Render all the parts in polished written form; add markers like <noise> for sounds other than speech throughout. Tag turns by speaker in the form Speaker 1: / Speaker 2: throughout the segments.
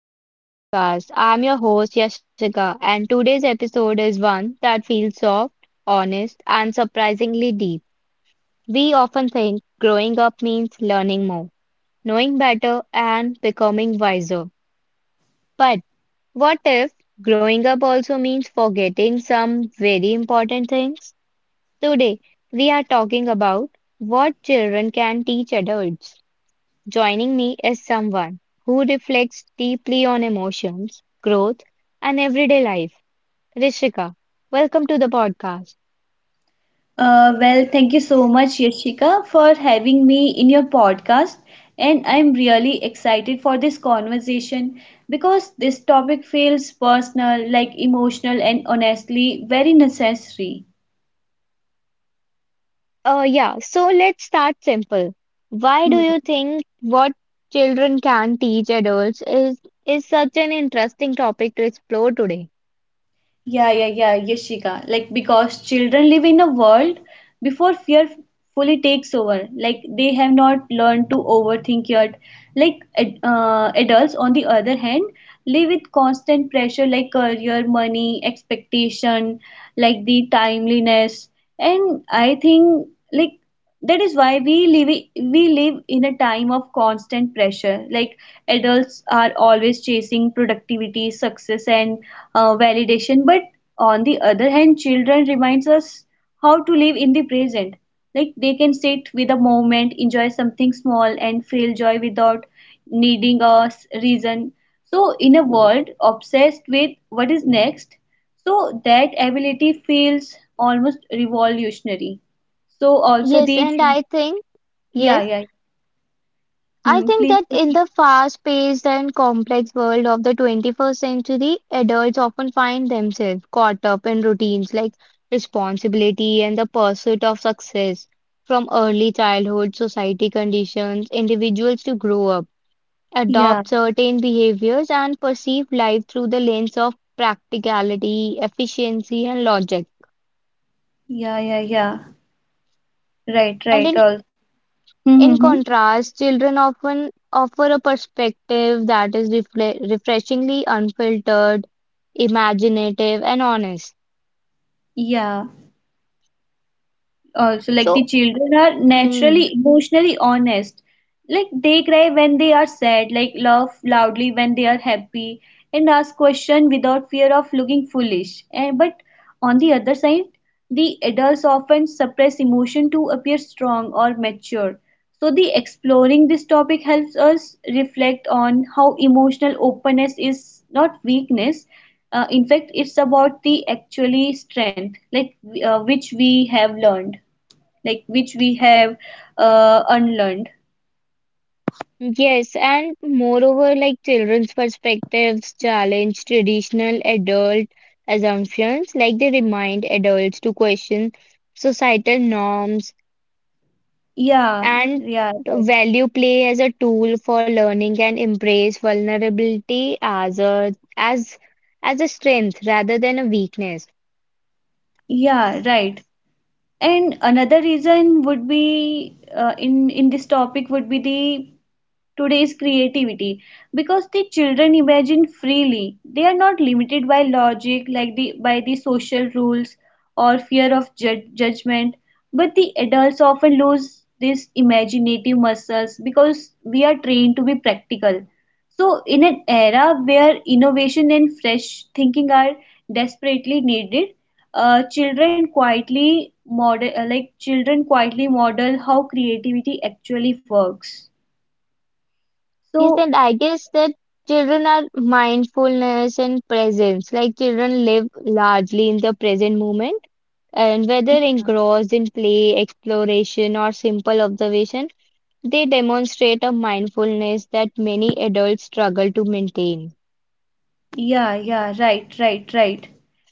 Speaker 1: back to the podcast. I'm your host Yashika, and today's episode is one that feels soft, honest, and surprisingly deep. We often think growing up means learning more, knowing better, and becoming wiser. But what if growing up also means forgetting some very important things? Today, we are talking about what children can teach adults. Joining me is someone who reflects deeply on emotions, growth, and everyday life. Rishika, welcome to the podcast.
Speaker 2: Thank you so much, Yashika, for having me in your podcast. And I'm really excited for this conversation because this topic feels personal, like emotional, and honestly very necessary.
Speaker 1: Yeah, so let's start simple. Why do
Speaker 2: Hmm.
Speaker 1: you think what children can teach adults is such an interesting topic to explore today?
Speaker 2: Yeah, Yashika. Like, because children live in a world before fear fully takes over. Like, they have not learned to overthink yet. Like, adults, on the other hand, live with constant pressure like career, money, expectation, like the timeliness. And I think, like, that is why we live in a time of constant pressure like adults are always chasing productivity success and validation, but on the other hand children reminds us how to live in the present, like they can sit with a moment enjoy something small and feel joy without needing a reason. So in a world obsessed with what is next, so that ability feels almost revolutionary. So also the.
Speaker 1: Yes, and I think
Speaker 2: Yeah,
Speaker 1: yes.
Speaker 2: yeah.
Speaker 1: I
Speaker 2: Hmm,
Speaker 1: think
Speaker 2: please
Speaker 1: that in
Speaker 2: proceed.
Speaker 1: the fast-paced and complex world of the 21st century, adults often find themselves caught up in routines like responsibility and the pursuit of success. From early childhood, society conditions individuals to grow up,
Speaker 2: Yeah,
Speaker 1: adopt certain behaviors, and perceive life through the lens of practicality, efficiency, and logic.
Speaker 2: yeah, yeah, yeah, right,
Speaker 1: And
Speaker 2: right, all.
Speaker 1: in
Speaker 2: Mm-hmm.
Speaker 1: contrast, children often offer a perspective that is refreshingly unfiltered, imaginative, and honest.
Speaker 2: Yeah, also like
Speaker 1: So,
Speaker 2: the children are
Speaker 1: mm,
Speaker 2: naturally emotionally honest, like they cry when they are sad, like laugh loudly when they are happy and ask questions without fear of looking foolish, and but on the other side the adults often suppress emotion to appear strong or mature. So the exploring this topic helps us reflect on how emotional openness is not weakness, in fact it's about the actually strength, like which we have learned, like which we have unlearned.
Speaker 1: yes, and moreover, like children's perspectives challenge traditional adult assumptions, like they remind adults to question societal norms
Speaker 2: Yeah,
Speaker 1: and
Speaker 2: yeah, right.
Speaker 1: value play as a tool for learning and embrace vulnerability as a strength rather than a weakness.
Speaker 2: Yeah, right. And another reason would be in this topic would be the today's creativity, because the children imagine freely. They are not limited by logic, like the by the social rules or fear of judgment. But the adults often lose these imaginative muscles because we are trained to be practical. So, in an era where innovation and fresh thinking are desperately needed, children quietly model how creativity actually works.
Speaker 1: Yes,
Speaker 2: So.
Speaker 1: and I guess that children are mindfulness and presence. Like children live largely in the present moment, and whether
Speaker 2: Yeah,
Speaker 1: engrossed in play, exploration, or simple observation, they demonstrate a mindfulness that many adults struggle to maintain.
Speaker 2: yeah, yeah, right, right, right.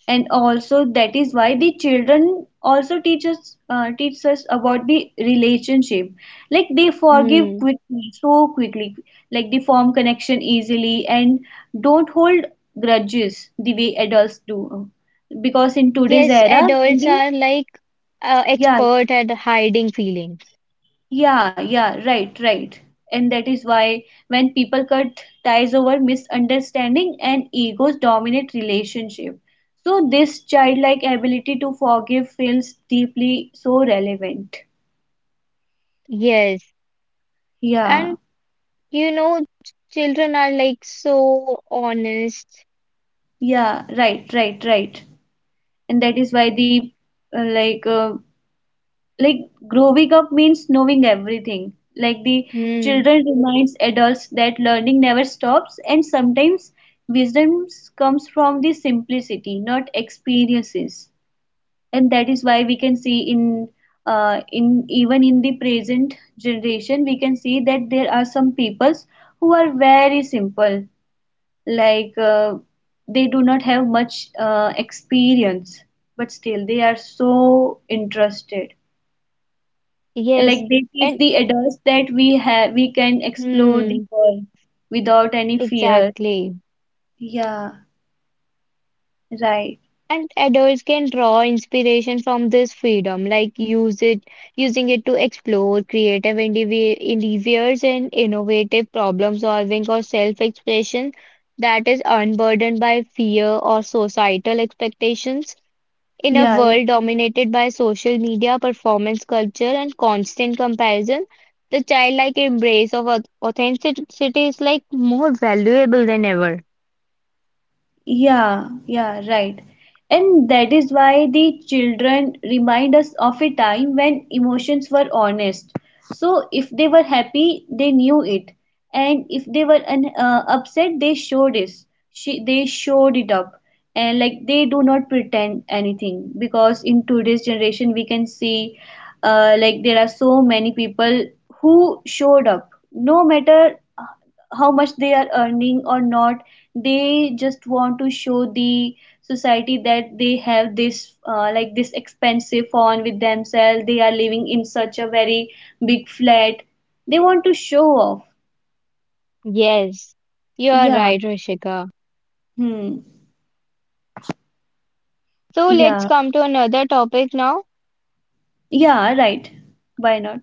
Speaker 2: And also that is why the children also teach us about the relationship. Like they forgive
Speaker 1: Hmm.
Speaker 2: quickly, so quickly. Like they form connection easily and don't hold grudges the way adults do. Because in today's
Speaker 1: Yes,
Speaker 2: era, when
Speaker 1: adults
Speaker 2: the,
Speaker 1: are like
Speaker 2: yeah.
Speaker 1: expert at hiding feelings.
Speaker 2: Yeah, yeah, right, right. And that is why when people cut ties over misunderstanding and egos dominate relationship. So this childlike ability to forgive feels deeply so relevant.
Speaker 1: Yes,
Speaker 2: Yeah,
Speaker 1: and you know, children are like so honest.
Speaker 2: yeah, right, right, right. And that is why the uh, like uh, like growing up means knowing everything, like the
Speaker 1: Hmm.
Speaker 2: children reminds adults that learning never stops and sometimes wisdom comes from the simplicity not experiences. And that is why we can see in even in the present generation, we can see that there are some peoples who are very simple, like they do not have much experience, but still they are so interested, like
Speaker 1: Yes,
Speaker 2: they teach
Speaker 1: and
Speaker 2: the adults that we can explore
Speaker 1: hmm,
Speaker 2: the world without any fear.
Speaker 1: exactly.
Speaker 2: Yeah, right.
Speaker 1: And adults can draw inspiration from this freedom, like use it, using it to explore creative endeavors and innovative problem solving or self-expression that is unburdened by fear or societal expectations. In a world
Speaker 2: Yeah,
Speaker 1: dominated
Speaker 2: yeah.
Speaker 1: by social media, performance culture, and constant comparison, the childlike embrace of authenticity is like more valuable than ever.
Speaker 2: Yeah, yeah, right. And that is why the children remind us of a time when emotions were honest. So if they were happy, they knew it, and if they were upset, they showed it. She, they showed it up, and like they do not pretend anything, because in today's generation we can see, like there are so many people who showed up, no matter how much they are earning or not, they just want to show the society that they have this like this expensive phone with themselves, they are living in such a very big flat, they want to show off.
Speaker 1: Yes, you are
Speaker 2: Yeah.
Speaker 1: right, Rishika.
Speaker 2: Hmm.
Speaker 1: So let's
Speaker 2: Yeah,
Speaker 1: come to another topic now.
Speaker 2: yeah, right, why not.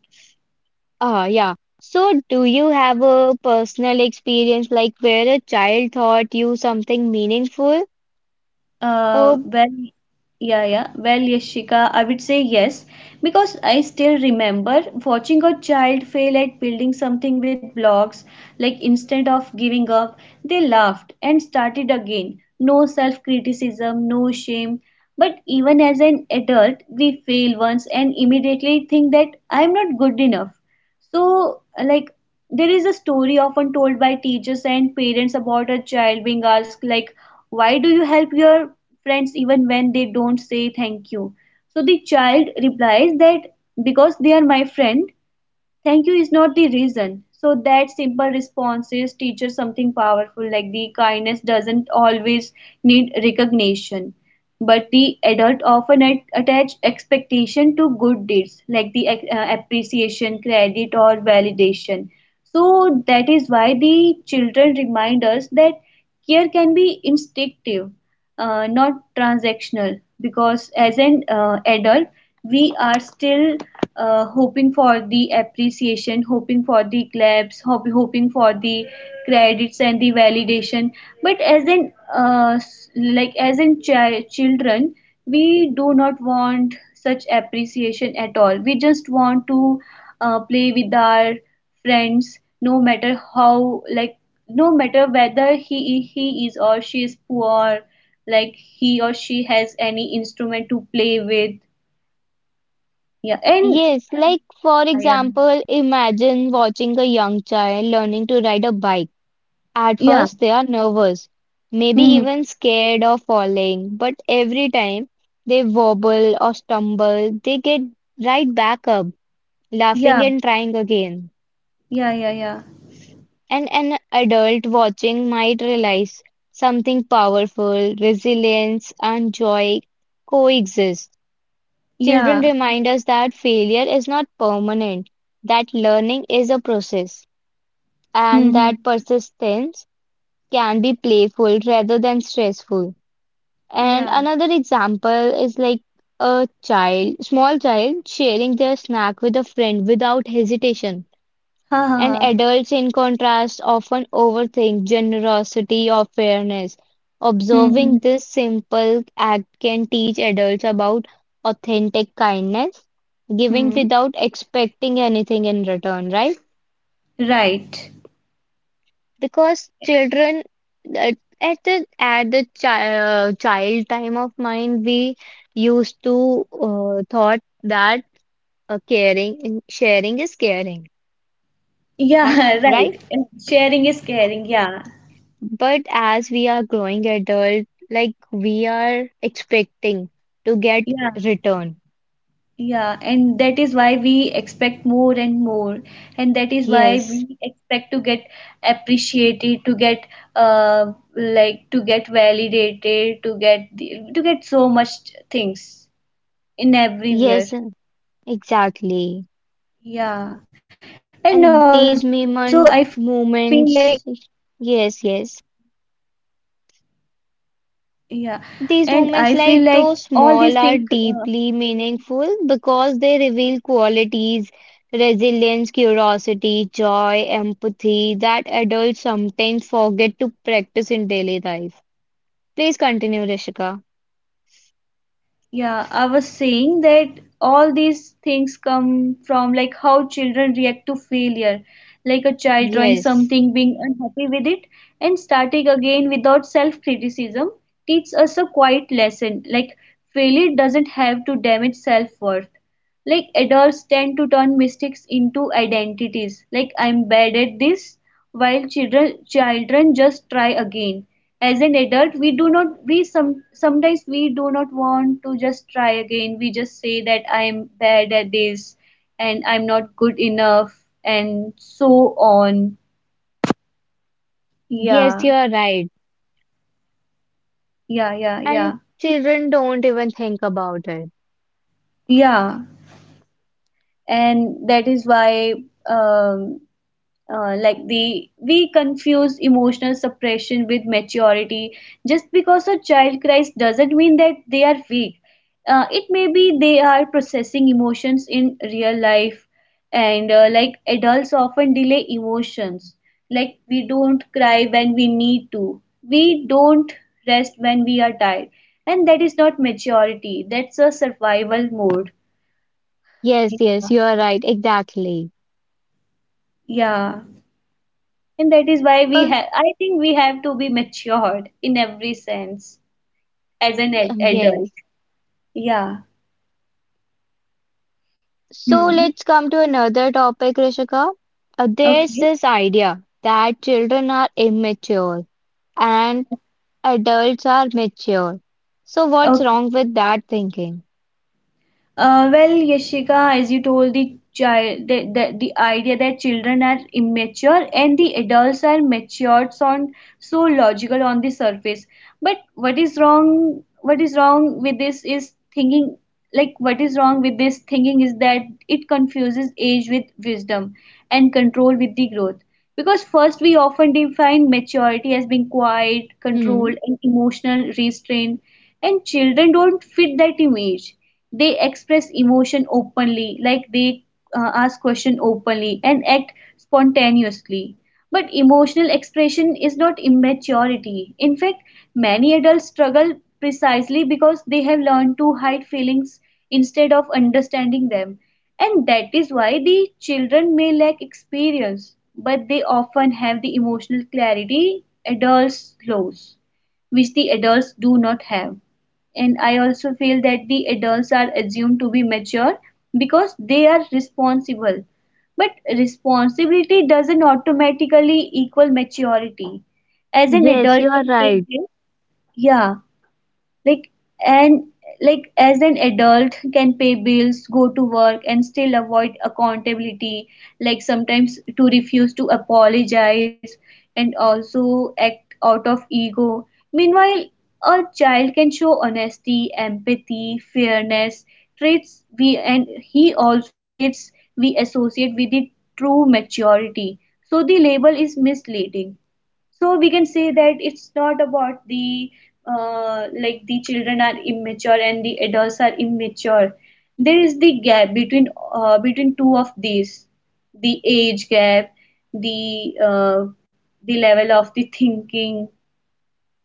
Speaker 1: Ah, yeah. So, do you have a personal experience like where a child taught you something meaningful?
Speaker 2: Uh,
Speaker 1: Oh,
Speaker 2: well, yeah. Well, Yashika, I would say yes, because I still remember watching a child fail at building something with blocks. Like instead of giving up, they laughed and started again. No self-criticism, no shame. But even as an adult, we fail once and immediately think that I'm not good enough. So, like, there is a story often told by teachers and parents about a child being asked, like, why do you help your friends even when they don't say thank you? So the child replies that because they are my friend, thank you is not the reason. So that simple responses teaches something powerful, like the kindness doesn't always need recognition. But the adult often attach expectation to good deeds, like the appreciation, credit or validation. So that is why the children remind us that care can be instinctive, not transactional, because as an adult we are still hoping for the appreciation, hoping for the claps, hoping for the credits and the validation. But as in children, we do not want such appreciation at all, we just want to play with our friends, no matter how, like no matter whether he is or she is poor, like he or she has any instrument to play with. Yeah, and
Speaker 1: yes.
Speaker 2: uh,
Speaker 1: Like, for
Speaker 2: yeah, yeah,
Speaker 1: example, imagine watching a young child learning to ride a bike. At
Speaker 2: yeah.
Speaker 1: first, they are nervous, maybe
Speaker 2: Hmm.
Speaker 1: even scared of falling, but every time they wobble or stumble, they get right back up, laughing
Speaker 2: Yeah,
Speaker 1: and trying again.
Speaker 2: yeah, yeah, yeah,
Speaker 1: And an adult watching might realize something powerful, resilience, and joy coexist. Children
Speaker 2: yeah.
Speaker 1: remind us that failure is not permanent, that learning is a process, and
Speaker 2: Hmm.
Speaker 1: that persistence can be playful rather than stressful. And
Speaker 2: Yeah.
Speaker 1: another example is like a child, small child sharing their snack with a friend without hesitation.
Speaker 2: Ha ha
Speaker 1: And
Speaker 2: ha.
Speaker 1: adults, in contrast, often overthink generosity or fairness.
Speaker 2: Hmm.
Speaker 1: Observing this simple act can teach adults about authentic kindness, giving
Speaker 2: Hmm.
Speaker 1: without expecting anything in return, right?
Speaker 2: Right.
Speaker 1: Because children, uh, at the child time of mind we used to thought that caring and sharing is caring
Speaker 2: Yeah,
Speaker 1: and
Speaker 2: <laughs>
Speaker 1: right,
Speaker 2: right. Sharing is caring. Yeah,
Speaker 1: but as we are growing adult, like we are expecting to get
Speaker 2: yeah.
Speaker 1: return.
Speaker 2: Yeah, and that is why we expect more and more, and that is why
Speaker 1: Yes,
Speaker 2: we expect to get appreciated, to get like to get validated, to get so much things in everywhere.
Speaker 1: yes, exactly.
Speaker 2: Yeah. And also
Speaker 1: and
Speaker 2: I
Speaker 1: these
Speaker 2: feel like,
Speaker 1: moment Moments, yes, yes.
Speaker 2: yeah, and I feel like all
Speaker 1: These
Speaker 2: these things
Speaker 1: moments,
Speaker 2: uh,
Speaker 1: like though small, are deeply meaningful because they reveal qualities, resilience, curiosity, joy, empathy that adults sometimes forget to practice in daily life. Please continue, Rishika.
Speaker 2: Yeah, I was saying that all these things come from like how children react to failure, like a child drawing
Speaker 1: Yes,
Speaker 2: something, being unhappy with it, and starting again without self-criticism, teaches us a quiet lesson. Like failure doesn't have to damage self-worth. Like adults tend to turn mistakes into identities. Like I'm bad at this, while children just try again. As an adult, we do not, we some sometimes we do not want to just try again. We just say that I'm bad at this and I'm not good enough and so on.
Speaker 1: yes,
Speaker 2: Yeah.
Speaker 1: you are right.
Speaker 2: Yeah, yeah,
Speaker 1: And
Speaker 2: yeah.
Speaker 1: children don't even think about it.
Speaker 2: Yeah. And that is why um like the we confuse emotional suppression with maturity, just because a child cries doesn't mean that they are weak, it may be they are processing emotions in real life. And like adults often delay emotions, like we don't cry when we need to, we don't rest when we are tired, and that is not maturity, that's a survival mode.
Speaker 1: Yes, yes,
Speaker 2: Yeah.
Speaker 1: you are right. Exactly.
Speaker 2: Yeah. And that is why we
Speaker 1: Uh,
Speaker 2: have, I think we have to be matured in every sense as an ad
Speaker 1: yes.
Speaker 2: adult. Yeah.
Speaker 1: So
Speaker 2: Hmm.
Speaker 1: let's come to another topic, Rishika. There's
Speaker 2: Okay.
Speaker 1: this idea that children are immature and adults are mature. So what's
Speaker 2: Okay.
Speaker 1: wrong with that thinking?
Speaker 2: Yashika, as you told the child, the idea that children are immature and the adults are matured sound so logical on the surface. But what is wrong? What is wrong with this is thinking. Like what is wrong with this thinking is that it confuses age with wisdom and control with the growth. Because first we often define maturity as being quiet,
Speaker 1: Hmm.
Speaker 2: controlled, and emotional restraint, and children don't fit that image. They express emotion openly, like they ask question openly and act spontaneously. But emotional expression is not immaturity, in fact many adults struggle precisely because they have learned to hide feelings instead of understanding them. And that is why the children may lack experience, but they often have the emotional clarity adults lose, which the adults do not have. And I also feel that the adults are assumed to be mature because they are responsible, but responsibility doesn't automatically equal maturity, as an
Speaker 1: Yes,
Speaker 2: adult
Speaker 1: you are
Speaker 2: can take
Speaker 1: right.
Speaker 2: this. Yeah. Like, and like as an adult can pay bills, go to work and still avoid accountability, like sometimes to refuse to apologize and also act out of ego. Meanwhile, a child can show honesty, empathy, fairness, traits we and he also traits we associate with the true maturity. So the label is misleading. So we can say that it's not about the like the children are immature and the adults are immature, there is the gap between between two of these, the age gap, the uh, the level of the thinking.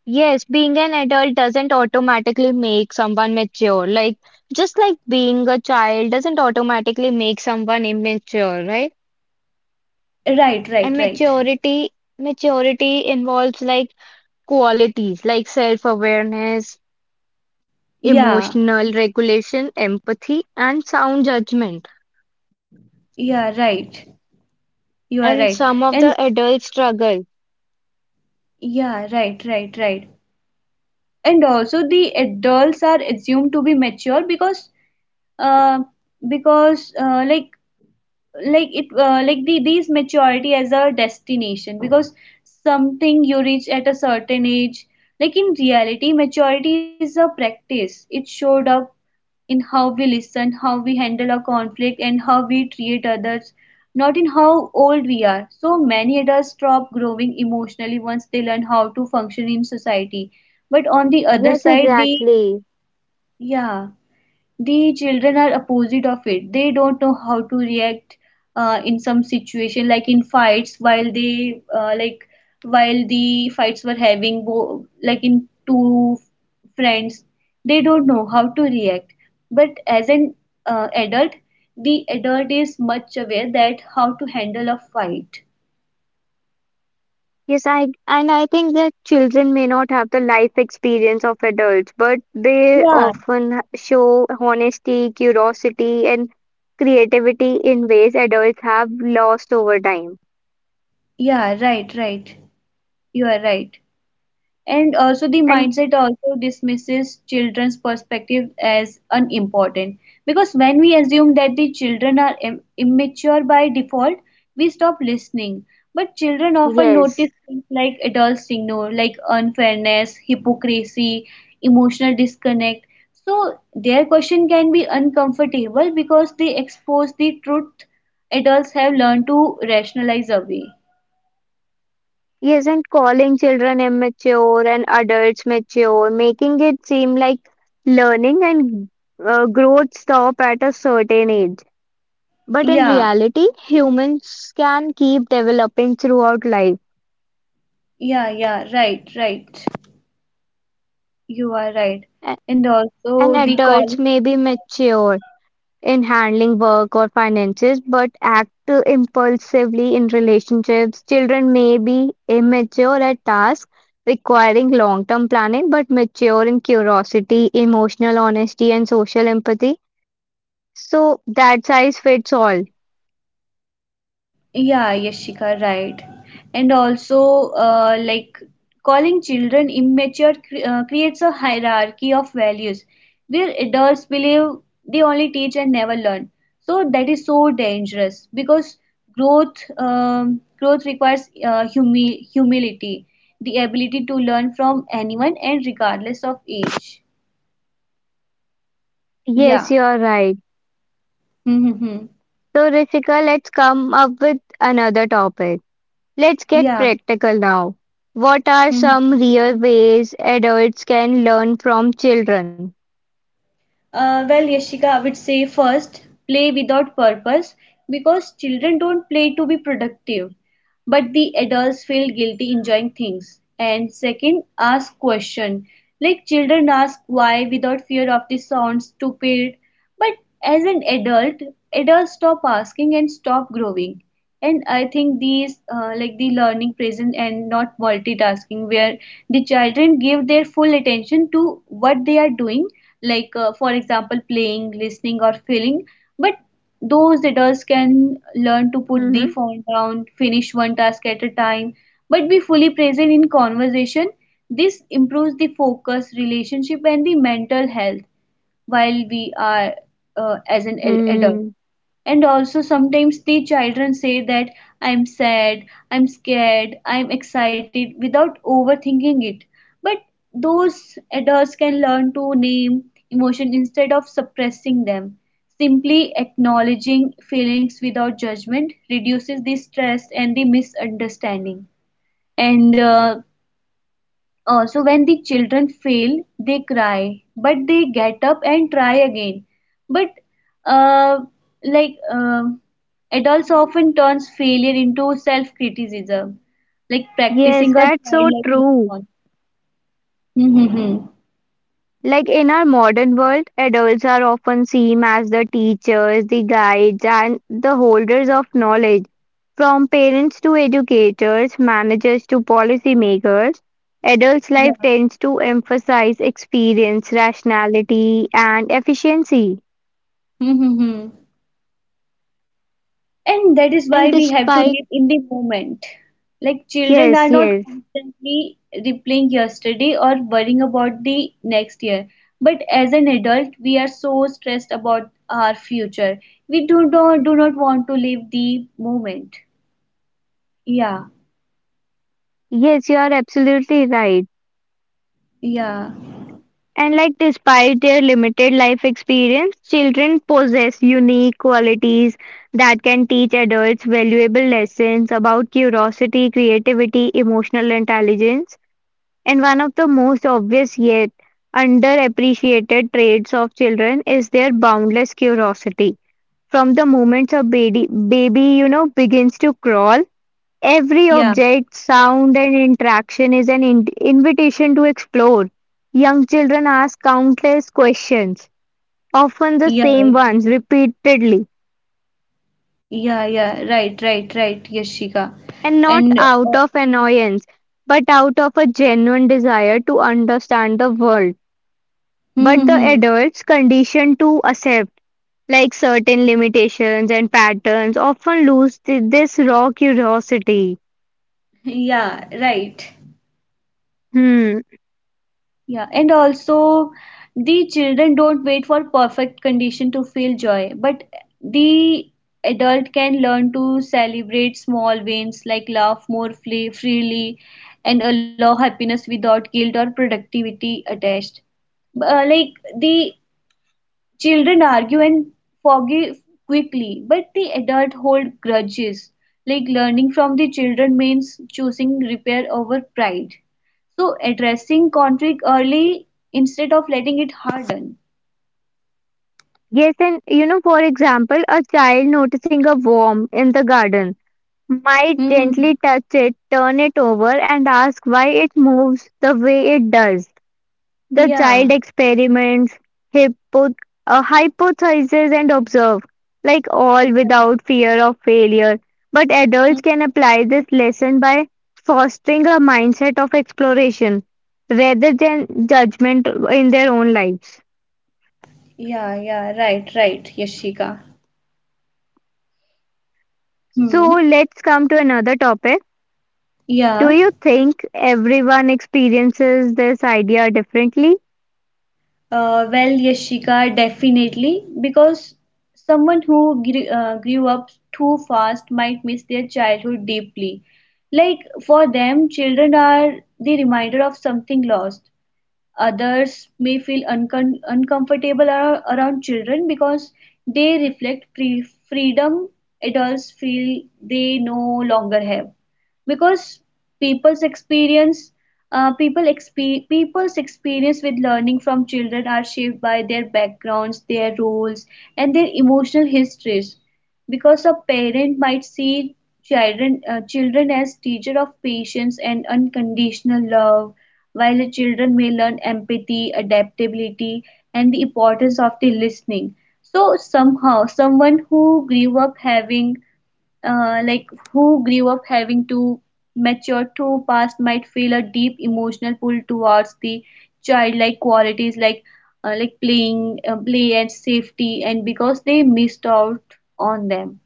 Speaker 1: Yes, being an adult doesn't automatically make someone mature. Like just like being a child doesn't automatically make someone immature, right?
Speaker 2: Right, right, right.
Speaker 1: And maturity involves like qualities like self-awareness,
Speaker 2: Yeah,
Speaker 1: emotional regulation, empathy, and sound judgment.
Speaker 2: yeah, right, you are
Speaker 1: And
Speaker 2: right.
Speaker 1: some of
Speaker 2: And
Speaker 1: the adults struggle.
Speaker 2: yeah, right, right, right. And also the adults are assumed to be mature uh, because like it like the these maturity as a destination, because something you reach at a certain age. Like in reality maturity is a practice, it showed up in how we listen, how we handle a conflict and how we treat others, not in how old we are. So many adults stop growing emotionally once they learn how to function in society, but on the other
Speaker 1: Yes,
Speaker 2: side they,
Speaker 1: exactly.
Speaker 2: yeah, the children are opposite of it, they don't know how to react in some situation like in fights, while they while the fights were having like in Two friends, they don't know how to react. But as an adult, the adult is much aware that how to handle a fight.
Speaker 1: Yes, I and I think that children may not have the life experience of adults, but they
Speaker 2: Yeah,
Speaker 1: often show honesty, curiosity, and creativity in ways adults have lost over time.
Speaker 2: yeah, right, right, you are right. And also, the
Speaker 1: And
Speaker 2: mindset also dismisses children's perspective as unimportant. Because when we assume that the children are immature by default, we stop listening. But children often
Speaker 1: yes.
Speaker 2: notice things like adults ignore, like unfairness, hypocrisy, emotional disconnect. So, their question can be uncomfortable because they expose the truth adults have learned to rationalize away.
Speaker 1: Isn't calling children immature and adults mature, making it seem like learning and growth stop at a certain age? But in
Speaker 2: Yeah,
Speaker 1: reality, humans can keep developing throughout life,
Speaker 2: yeah, yeah, right, right. You are right.
Speaker 1: a-
Speaker 2: And
Speaker 1: and
Speaker 2: also the
Speaker 1: adults
Speaker 2: calling,
Speaker 1: may be mature in handling work or finances, but act impulsively in relationships. Children may be immature at tasks requiring long term planning, but mature in curiosity, emotional honesty, and social empathy. So that size fits all.
Speaker 2: yeah, Yashika, right. And also, like calling children immature creates a hierarchy of values where adults believe they only teach and never learn. So that is so dangerous because growth requires humility, the ability to learn from anyone and regardless of age.
Speaker 1: Yes, you
Speaker 2: Yeah. <laughs>
Speaker 1: are right.
Speaker 2: Mm-hmm.
Speaker 1: So, Rishika, let's come up with another topic. Let's get
Speaker 2: Yeah.
Speaker 1: practical now. What are some
Speaker 2: <laughs>
Speaker 1: real ways adults can learn from children?
Speaker 2: Well, Yashika, I would say first, play without purpose because children don't play to be productive but the adults feel guilty enjoying things. And second, ask question. Like children ask why without fear of the sound stupid. But as an adult, adults stop asking and stop growing. And I think these like the learning present and not multitasking, where the children give their full attention to what they are doing, like for example playing, listening, or feeling. But those adults can learn to put the phone down, finish one task at a time, but be fully present in conversation. This improves the focus, relationship, and the mental health while we are as an adult.
Speaker 1: Mm-hmm.
Speaker 2: And also sometimes the children say that I'm sad, I'm scared, I'm excited without overthinking it, but those adults can learn to name emotion instead of suppressing them. Simply acknowledging feelings without judgment reduces the stress and the misunderstanding. And also when the children fail, they cry, but they get up and try again. But uh, like uh, adults often turns failure into self-criticism, like practicing
Speaker 1: Yes,
Speaker 2: a
Speaker 1: that's so
Speaker 2: childlike
Speaker 1: true.
Speaker 2: response. Hmm, hmm, hmm.
Speaker 1: Like in our modern world, adults are often seen as the teachers, the guides, and the holders of knowledge. From parents to educators, managers to policymakers, adults' life
Speaker 2: Yeah.
Speaker 1: tends to emphasize experience, rationality, and efficiency.
Speaker 2: Hmm, hmm, hmm. And that is
Speaker 1: And
Speaker 2: why we have to
Speaker 1: despite,
Speaker 2: live in the moment. Like children are
Speaker 1: yes,
Speaker 2: not
Speaker 1: yes,
Speaker 2: constantly replaying yesterday or worrying about the next year. But as an adult, we are so stressed about our future. We do not want to live the moment. Yeah,
Speaker 1: yes, you are absolutely right.
Speaker 2: yeah,
Speaker 1: And like despite their limited life experience, children possess unique qualities that can teach adults valuable lessons about curiosity, creativity, emotional intelligence. And one of the most obvious yet underappreciated traits of children is their boundless curiosity. From the moment a baby you know begins to crawl, every
Speaker 2: yeah,
Speaker 1: object, sound, and interaction is an invitation to explore. Young children ask countless questions, often the
Speaker 2: yeah,
Speaker 1: same
Speaker 2: yeah,
Speaker 1: ones repeatedly,
Speaker 2: yeah, yeah, right, right, right, Yashika.
Speaker 1: and not
Speaker 2: And
Speaker 1: out of annoyance, but out of a genuine desire to understand the world. But the adults, conditioned to accept like certain limitations and patterns, often lose this raw curiosity.
Speaker 2: <laughs> yeah, right.
Speaker 1: Hmm.
Speaker 2: Yeah, and also the children don't wait for perfect condition to feel joy, but the adult can learn to celebrate small wins like laugh more freely and allow happiness without guilt or productivity attached. Uh, like the children argue and forgive quickly, but the adult hold grudges. Like learning from the children means choosing repair over pride. So addressing conflict early instead of letting it harden.
Speaker 1: Yes, and you know, for example, a child noticing a worm in the garden might
Speaker 2: Mm-hmm.
Speaker 1: gently touch it, turn it over, and ask why it moves the way it does. The child
Speaker 2: Yeah.
Speaker 1: experiments, hypo- hypothesizes, and observes, like
Speaker 2: Yeah.
Speaker 1: all without fear of failure. But
Speaker 2: Hmm.
Speaker 1: adults can apply this lesson by fostering a mindset of exploration rather than judgment in their own lives.
Speaker 2: Yeah, yeah, right, right, Yashika.
Speaker 1: So,
Speaker 2: Hmm.
Speaker 1: let's come to another topic. Do
Speaker 2: Yeah.
Speaker 1: you think everyone experiences this idea differently?
Speaker 2: Well, Yashika, definitely, because someone who grew up too fast might miss their childhood deeply. Like for them, children are the reminder of something lost. Others may feel uncomfortable around children because they reflect freedom adults feel they no longer have. Because people's experience, people expe- people's experience with learning from children are shaped by their backgrounds, their roles, and their emotional histories. Because a parent might see children as teacher of patience and unconditional love while the children may learn empathy, adaptability, and the importance of the listening. So somehow, someone who grew up having, like who grew up having to mature too fast, might feel a deep emotional pull towards the childlike qualities like play and safety, and because they missed out on them.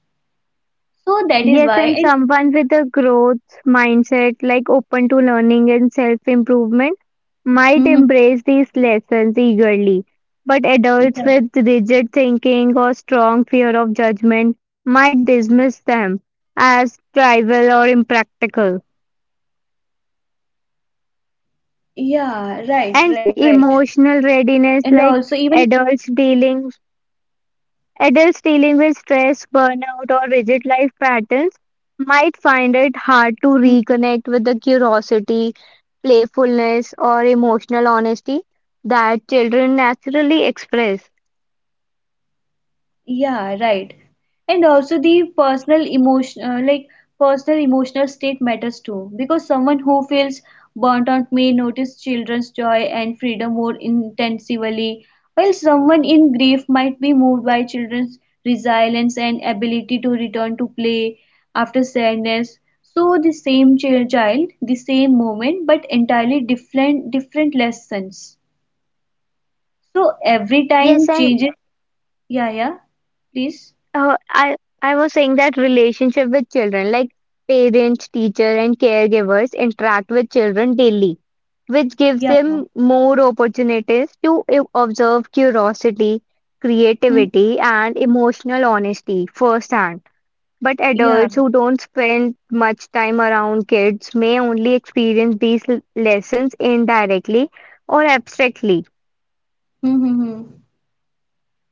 Speaker 2: So that is
Speaker 1: Yes,
Speaker 2: why,
Speaker 1: and
Speaker 2: and
Speaker 1: someone with a growth mindset, like open to learning and self improvement, might
Speaker 2: mhm,
Speaker 1: embrace these lessons eagerly. But adults
Speaker 2: yeah,
Speaker 1: with rigid thinking or strong fear of judgment might dismiss them as trivial or impractical.
Speaker 2: yeah, right, right, right, and
Speaker 1: And
Speaker 2: also even.
Speaker 1: emotional readiness, like adults dealing adults dealing with stress, burnout, or rigid life patterns might find it hard to reconnect with the curiosity, playfulness, or emotional honesty that children naturally express.
Speaker 2: Yeah, right. And also the personal emotional state matters too, because someone who feels burnt out may notice children's joy and freedom more intensively, while someone in grief might be moved by children's resilience and ability to return to play after sadness. So the same child, the same moment, but entirely different lessons. So every
Speaker 1: Yes,
Speaker 2: time
Speaker 1: and
Speaker 2: changes. Yeah, yeah. Please.
Speaker 1: I was saying that relationship with children, like parents, teacher, and caregivers interact with children daily, which gives
Speaker 2: Yeah.
Speaker 1: them more opportunities to observe curiosity,
Speaker 2: Hmm.
Speaker 1: creativity, and emotional honesty firsthand. But
Speaker 2: Yeah.
Speaker 1: adults who don't spend much time around kids may only experience these lessons indirectly or abstractly.
Speaker 2: Hmm, hmm, hmm.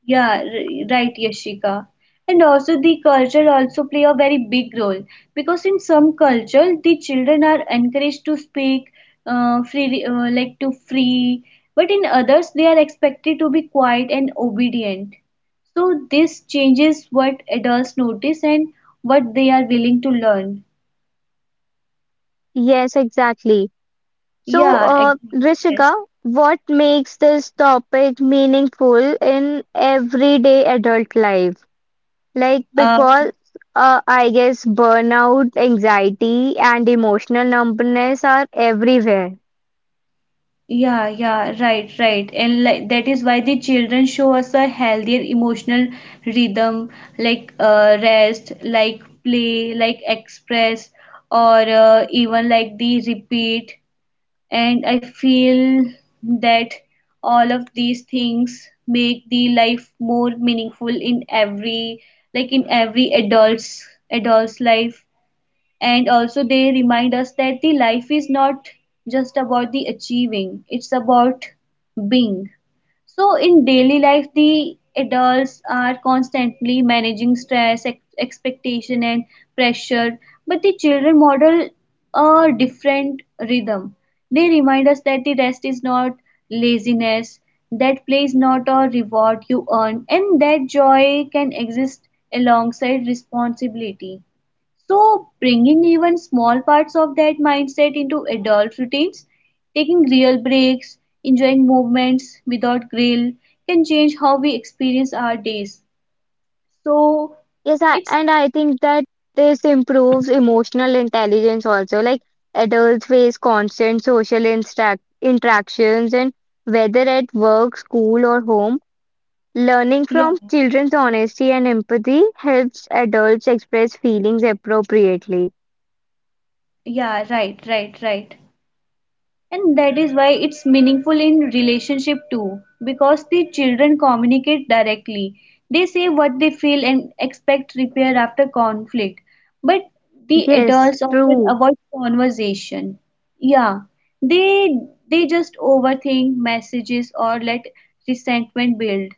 Speaker 2: Yeah. Right, Yashika. And also the culture also play a very big role because in some culture the children are encouraged to speak free like to free, but in others they are expected to be quiet and obedient. So this changes what adults notice and what they are willing to learn.
Speaker 1: Yes, exactly. So,
Speaker 2: Yeah. Exactly. Yes.
Speaker 1: Rishika, what makes this topic meaningful in everyday adult life? Like,
Speaker 2: Uh,
Speaker 1: because I guess burnout, anxiety, and emotional numbness are everywhere.
Speaker 2: Yeah, yeah, right, right. And like that is why the children show us a healthier emotional rhythm like rest, like play, like express, or even like the repeat. And I feel that all of these things make the life more meaningful in every like in every adult's life, and also they remind us that the life is not just about the achieving, it's about being. So in daily life the adults are constantly managing stress, expectation and pressure, but the children model a different rhythm. They remind us that the rest is not laziness, that play is not a reward you earn, and that joy can exist alongside responsibility. So, bringing even small parts of that mindset into adult routines, taking real breaks, enjoying movements without grill, can change how we experience our days. So,
Speaker 1: Yes, I,
Speaker 2: it's
Speaker 1: and I think that this improves emotional intelligence also. Like, adults face constant social interactions, and whether at work, school, or home, learning from
Speaker 2: yeah,
Speaker 1: children's honesty and empathy helps adults express feelings appropriately.
Speaker 2: yeah, right, right, right. And that is why it's meaningful in relationship too, because the children communicate directly. They say what they feel and expect repair after conflict, but the
Speaker 1: Yes,
Speaker 2: adults often
Speaker 1: true.
Speaker 2: avoid conversation. Yeah, they they just overthink messages or let resentment build,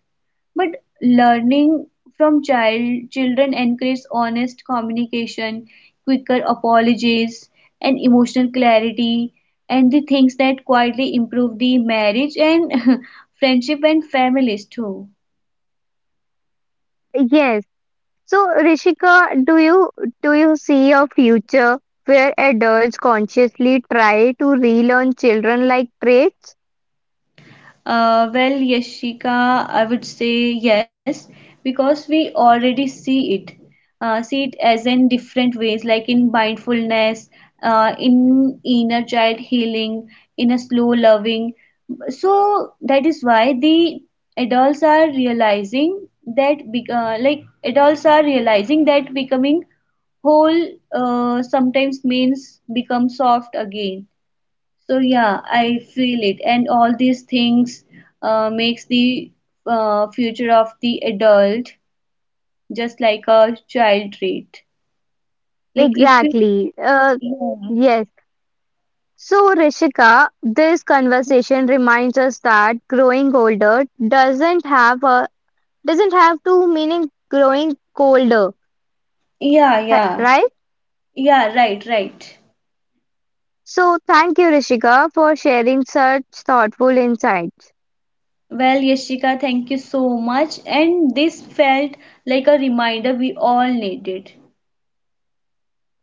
Speaker 2: but learning from children encourages honest communication, quicker apologies, and emotional clarity, and the things that quietly improve the marriage and <laughs> friendship and families too.
Speaker 1: Yes. So, Rishika, do you see a future where adults consciously try to relearn children-like traits?
Speaker 2: Well, Yashika, I would say yes, because we already see it. See it as in different ways, like in mindfulness, in inner child healing, in a slow loving. So that is why the adults are realizing that adults are realizing that becoming whole sometimes means become soft again. So yeah, I feel it, and all these things makes the future of the adult just like a child trait. Like if it,
Speaker 1: Exactly.
Speaker 2: yeah,
Speaker 1: Yes. So, Rishika, this conversation reminds us that growing older doesn't have a doesn't have to meaning growing colder,
Speaker 2: yeah, yeah,
Speaker 1: right?
Speaker 2: yeah, right, right.
Speaker 1: So thank you, Rishika, for sharing such thoughtful insights.
Speaker 2: Well, Yashika, thank you so much, and this felt like a reminder we all needed.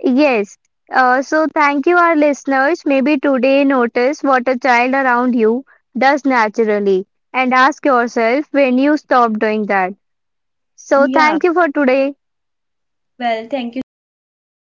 Speaker 1: Yes. So thank you, our listeners. Maybe today notice what a child around you does naturally and ask yourself when you stop doing that. So
Speaker 2: Yeah,
Speaker 1: thank you for today.
Speaker 2: well, thank you so much, and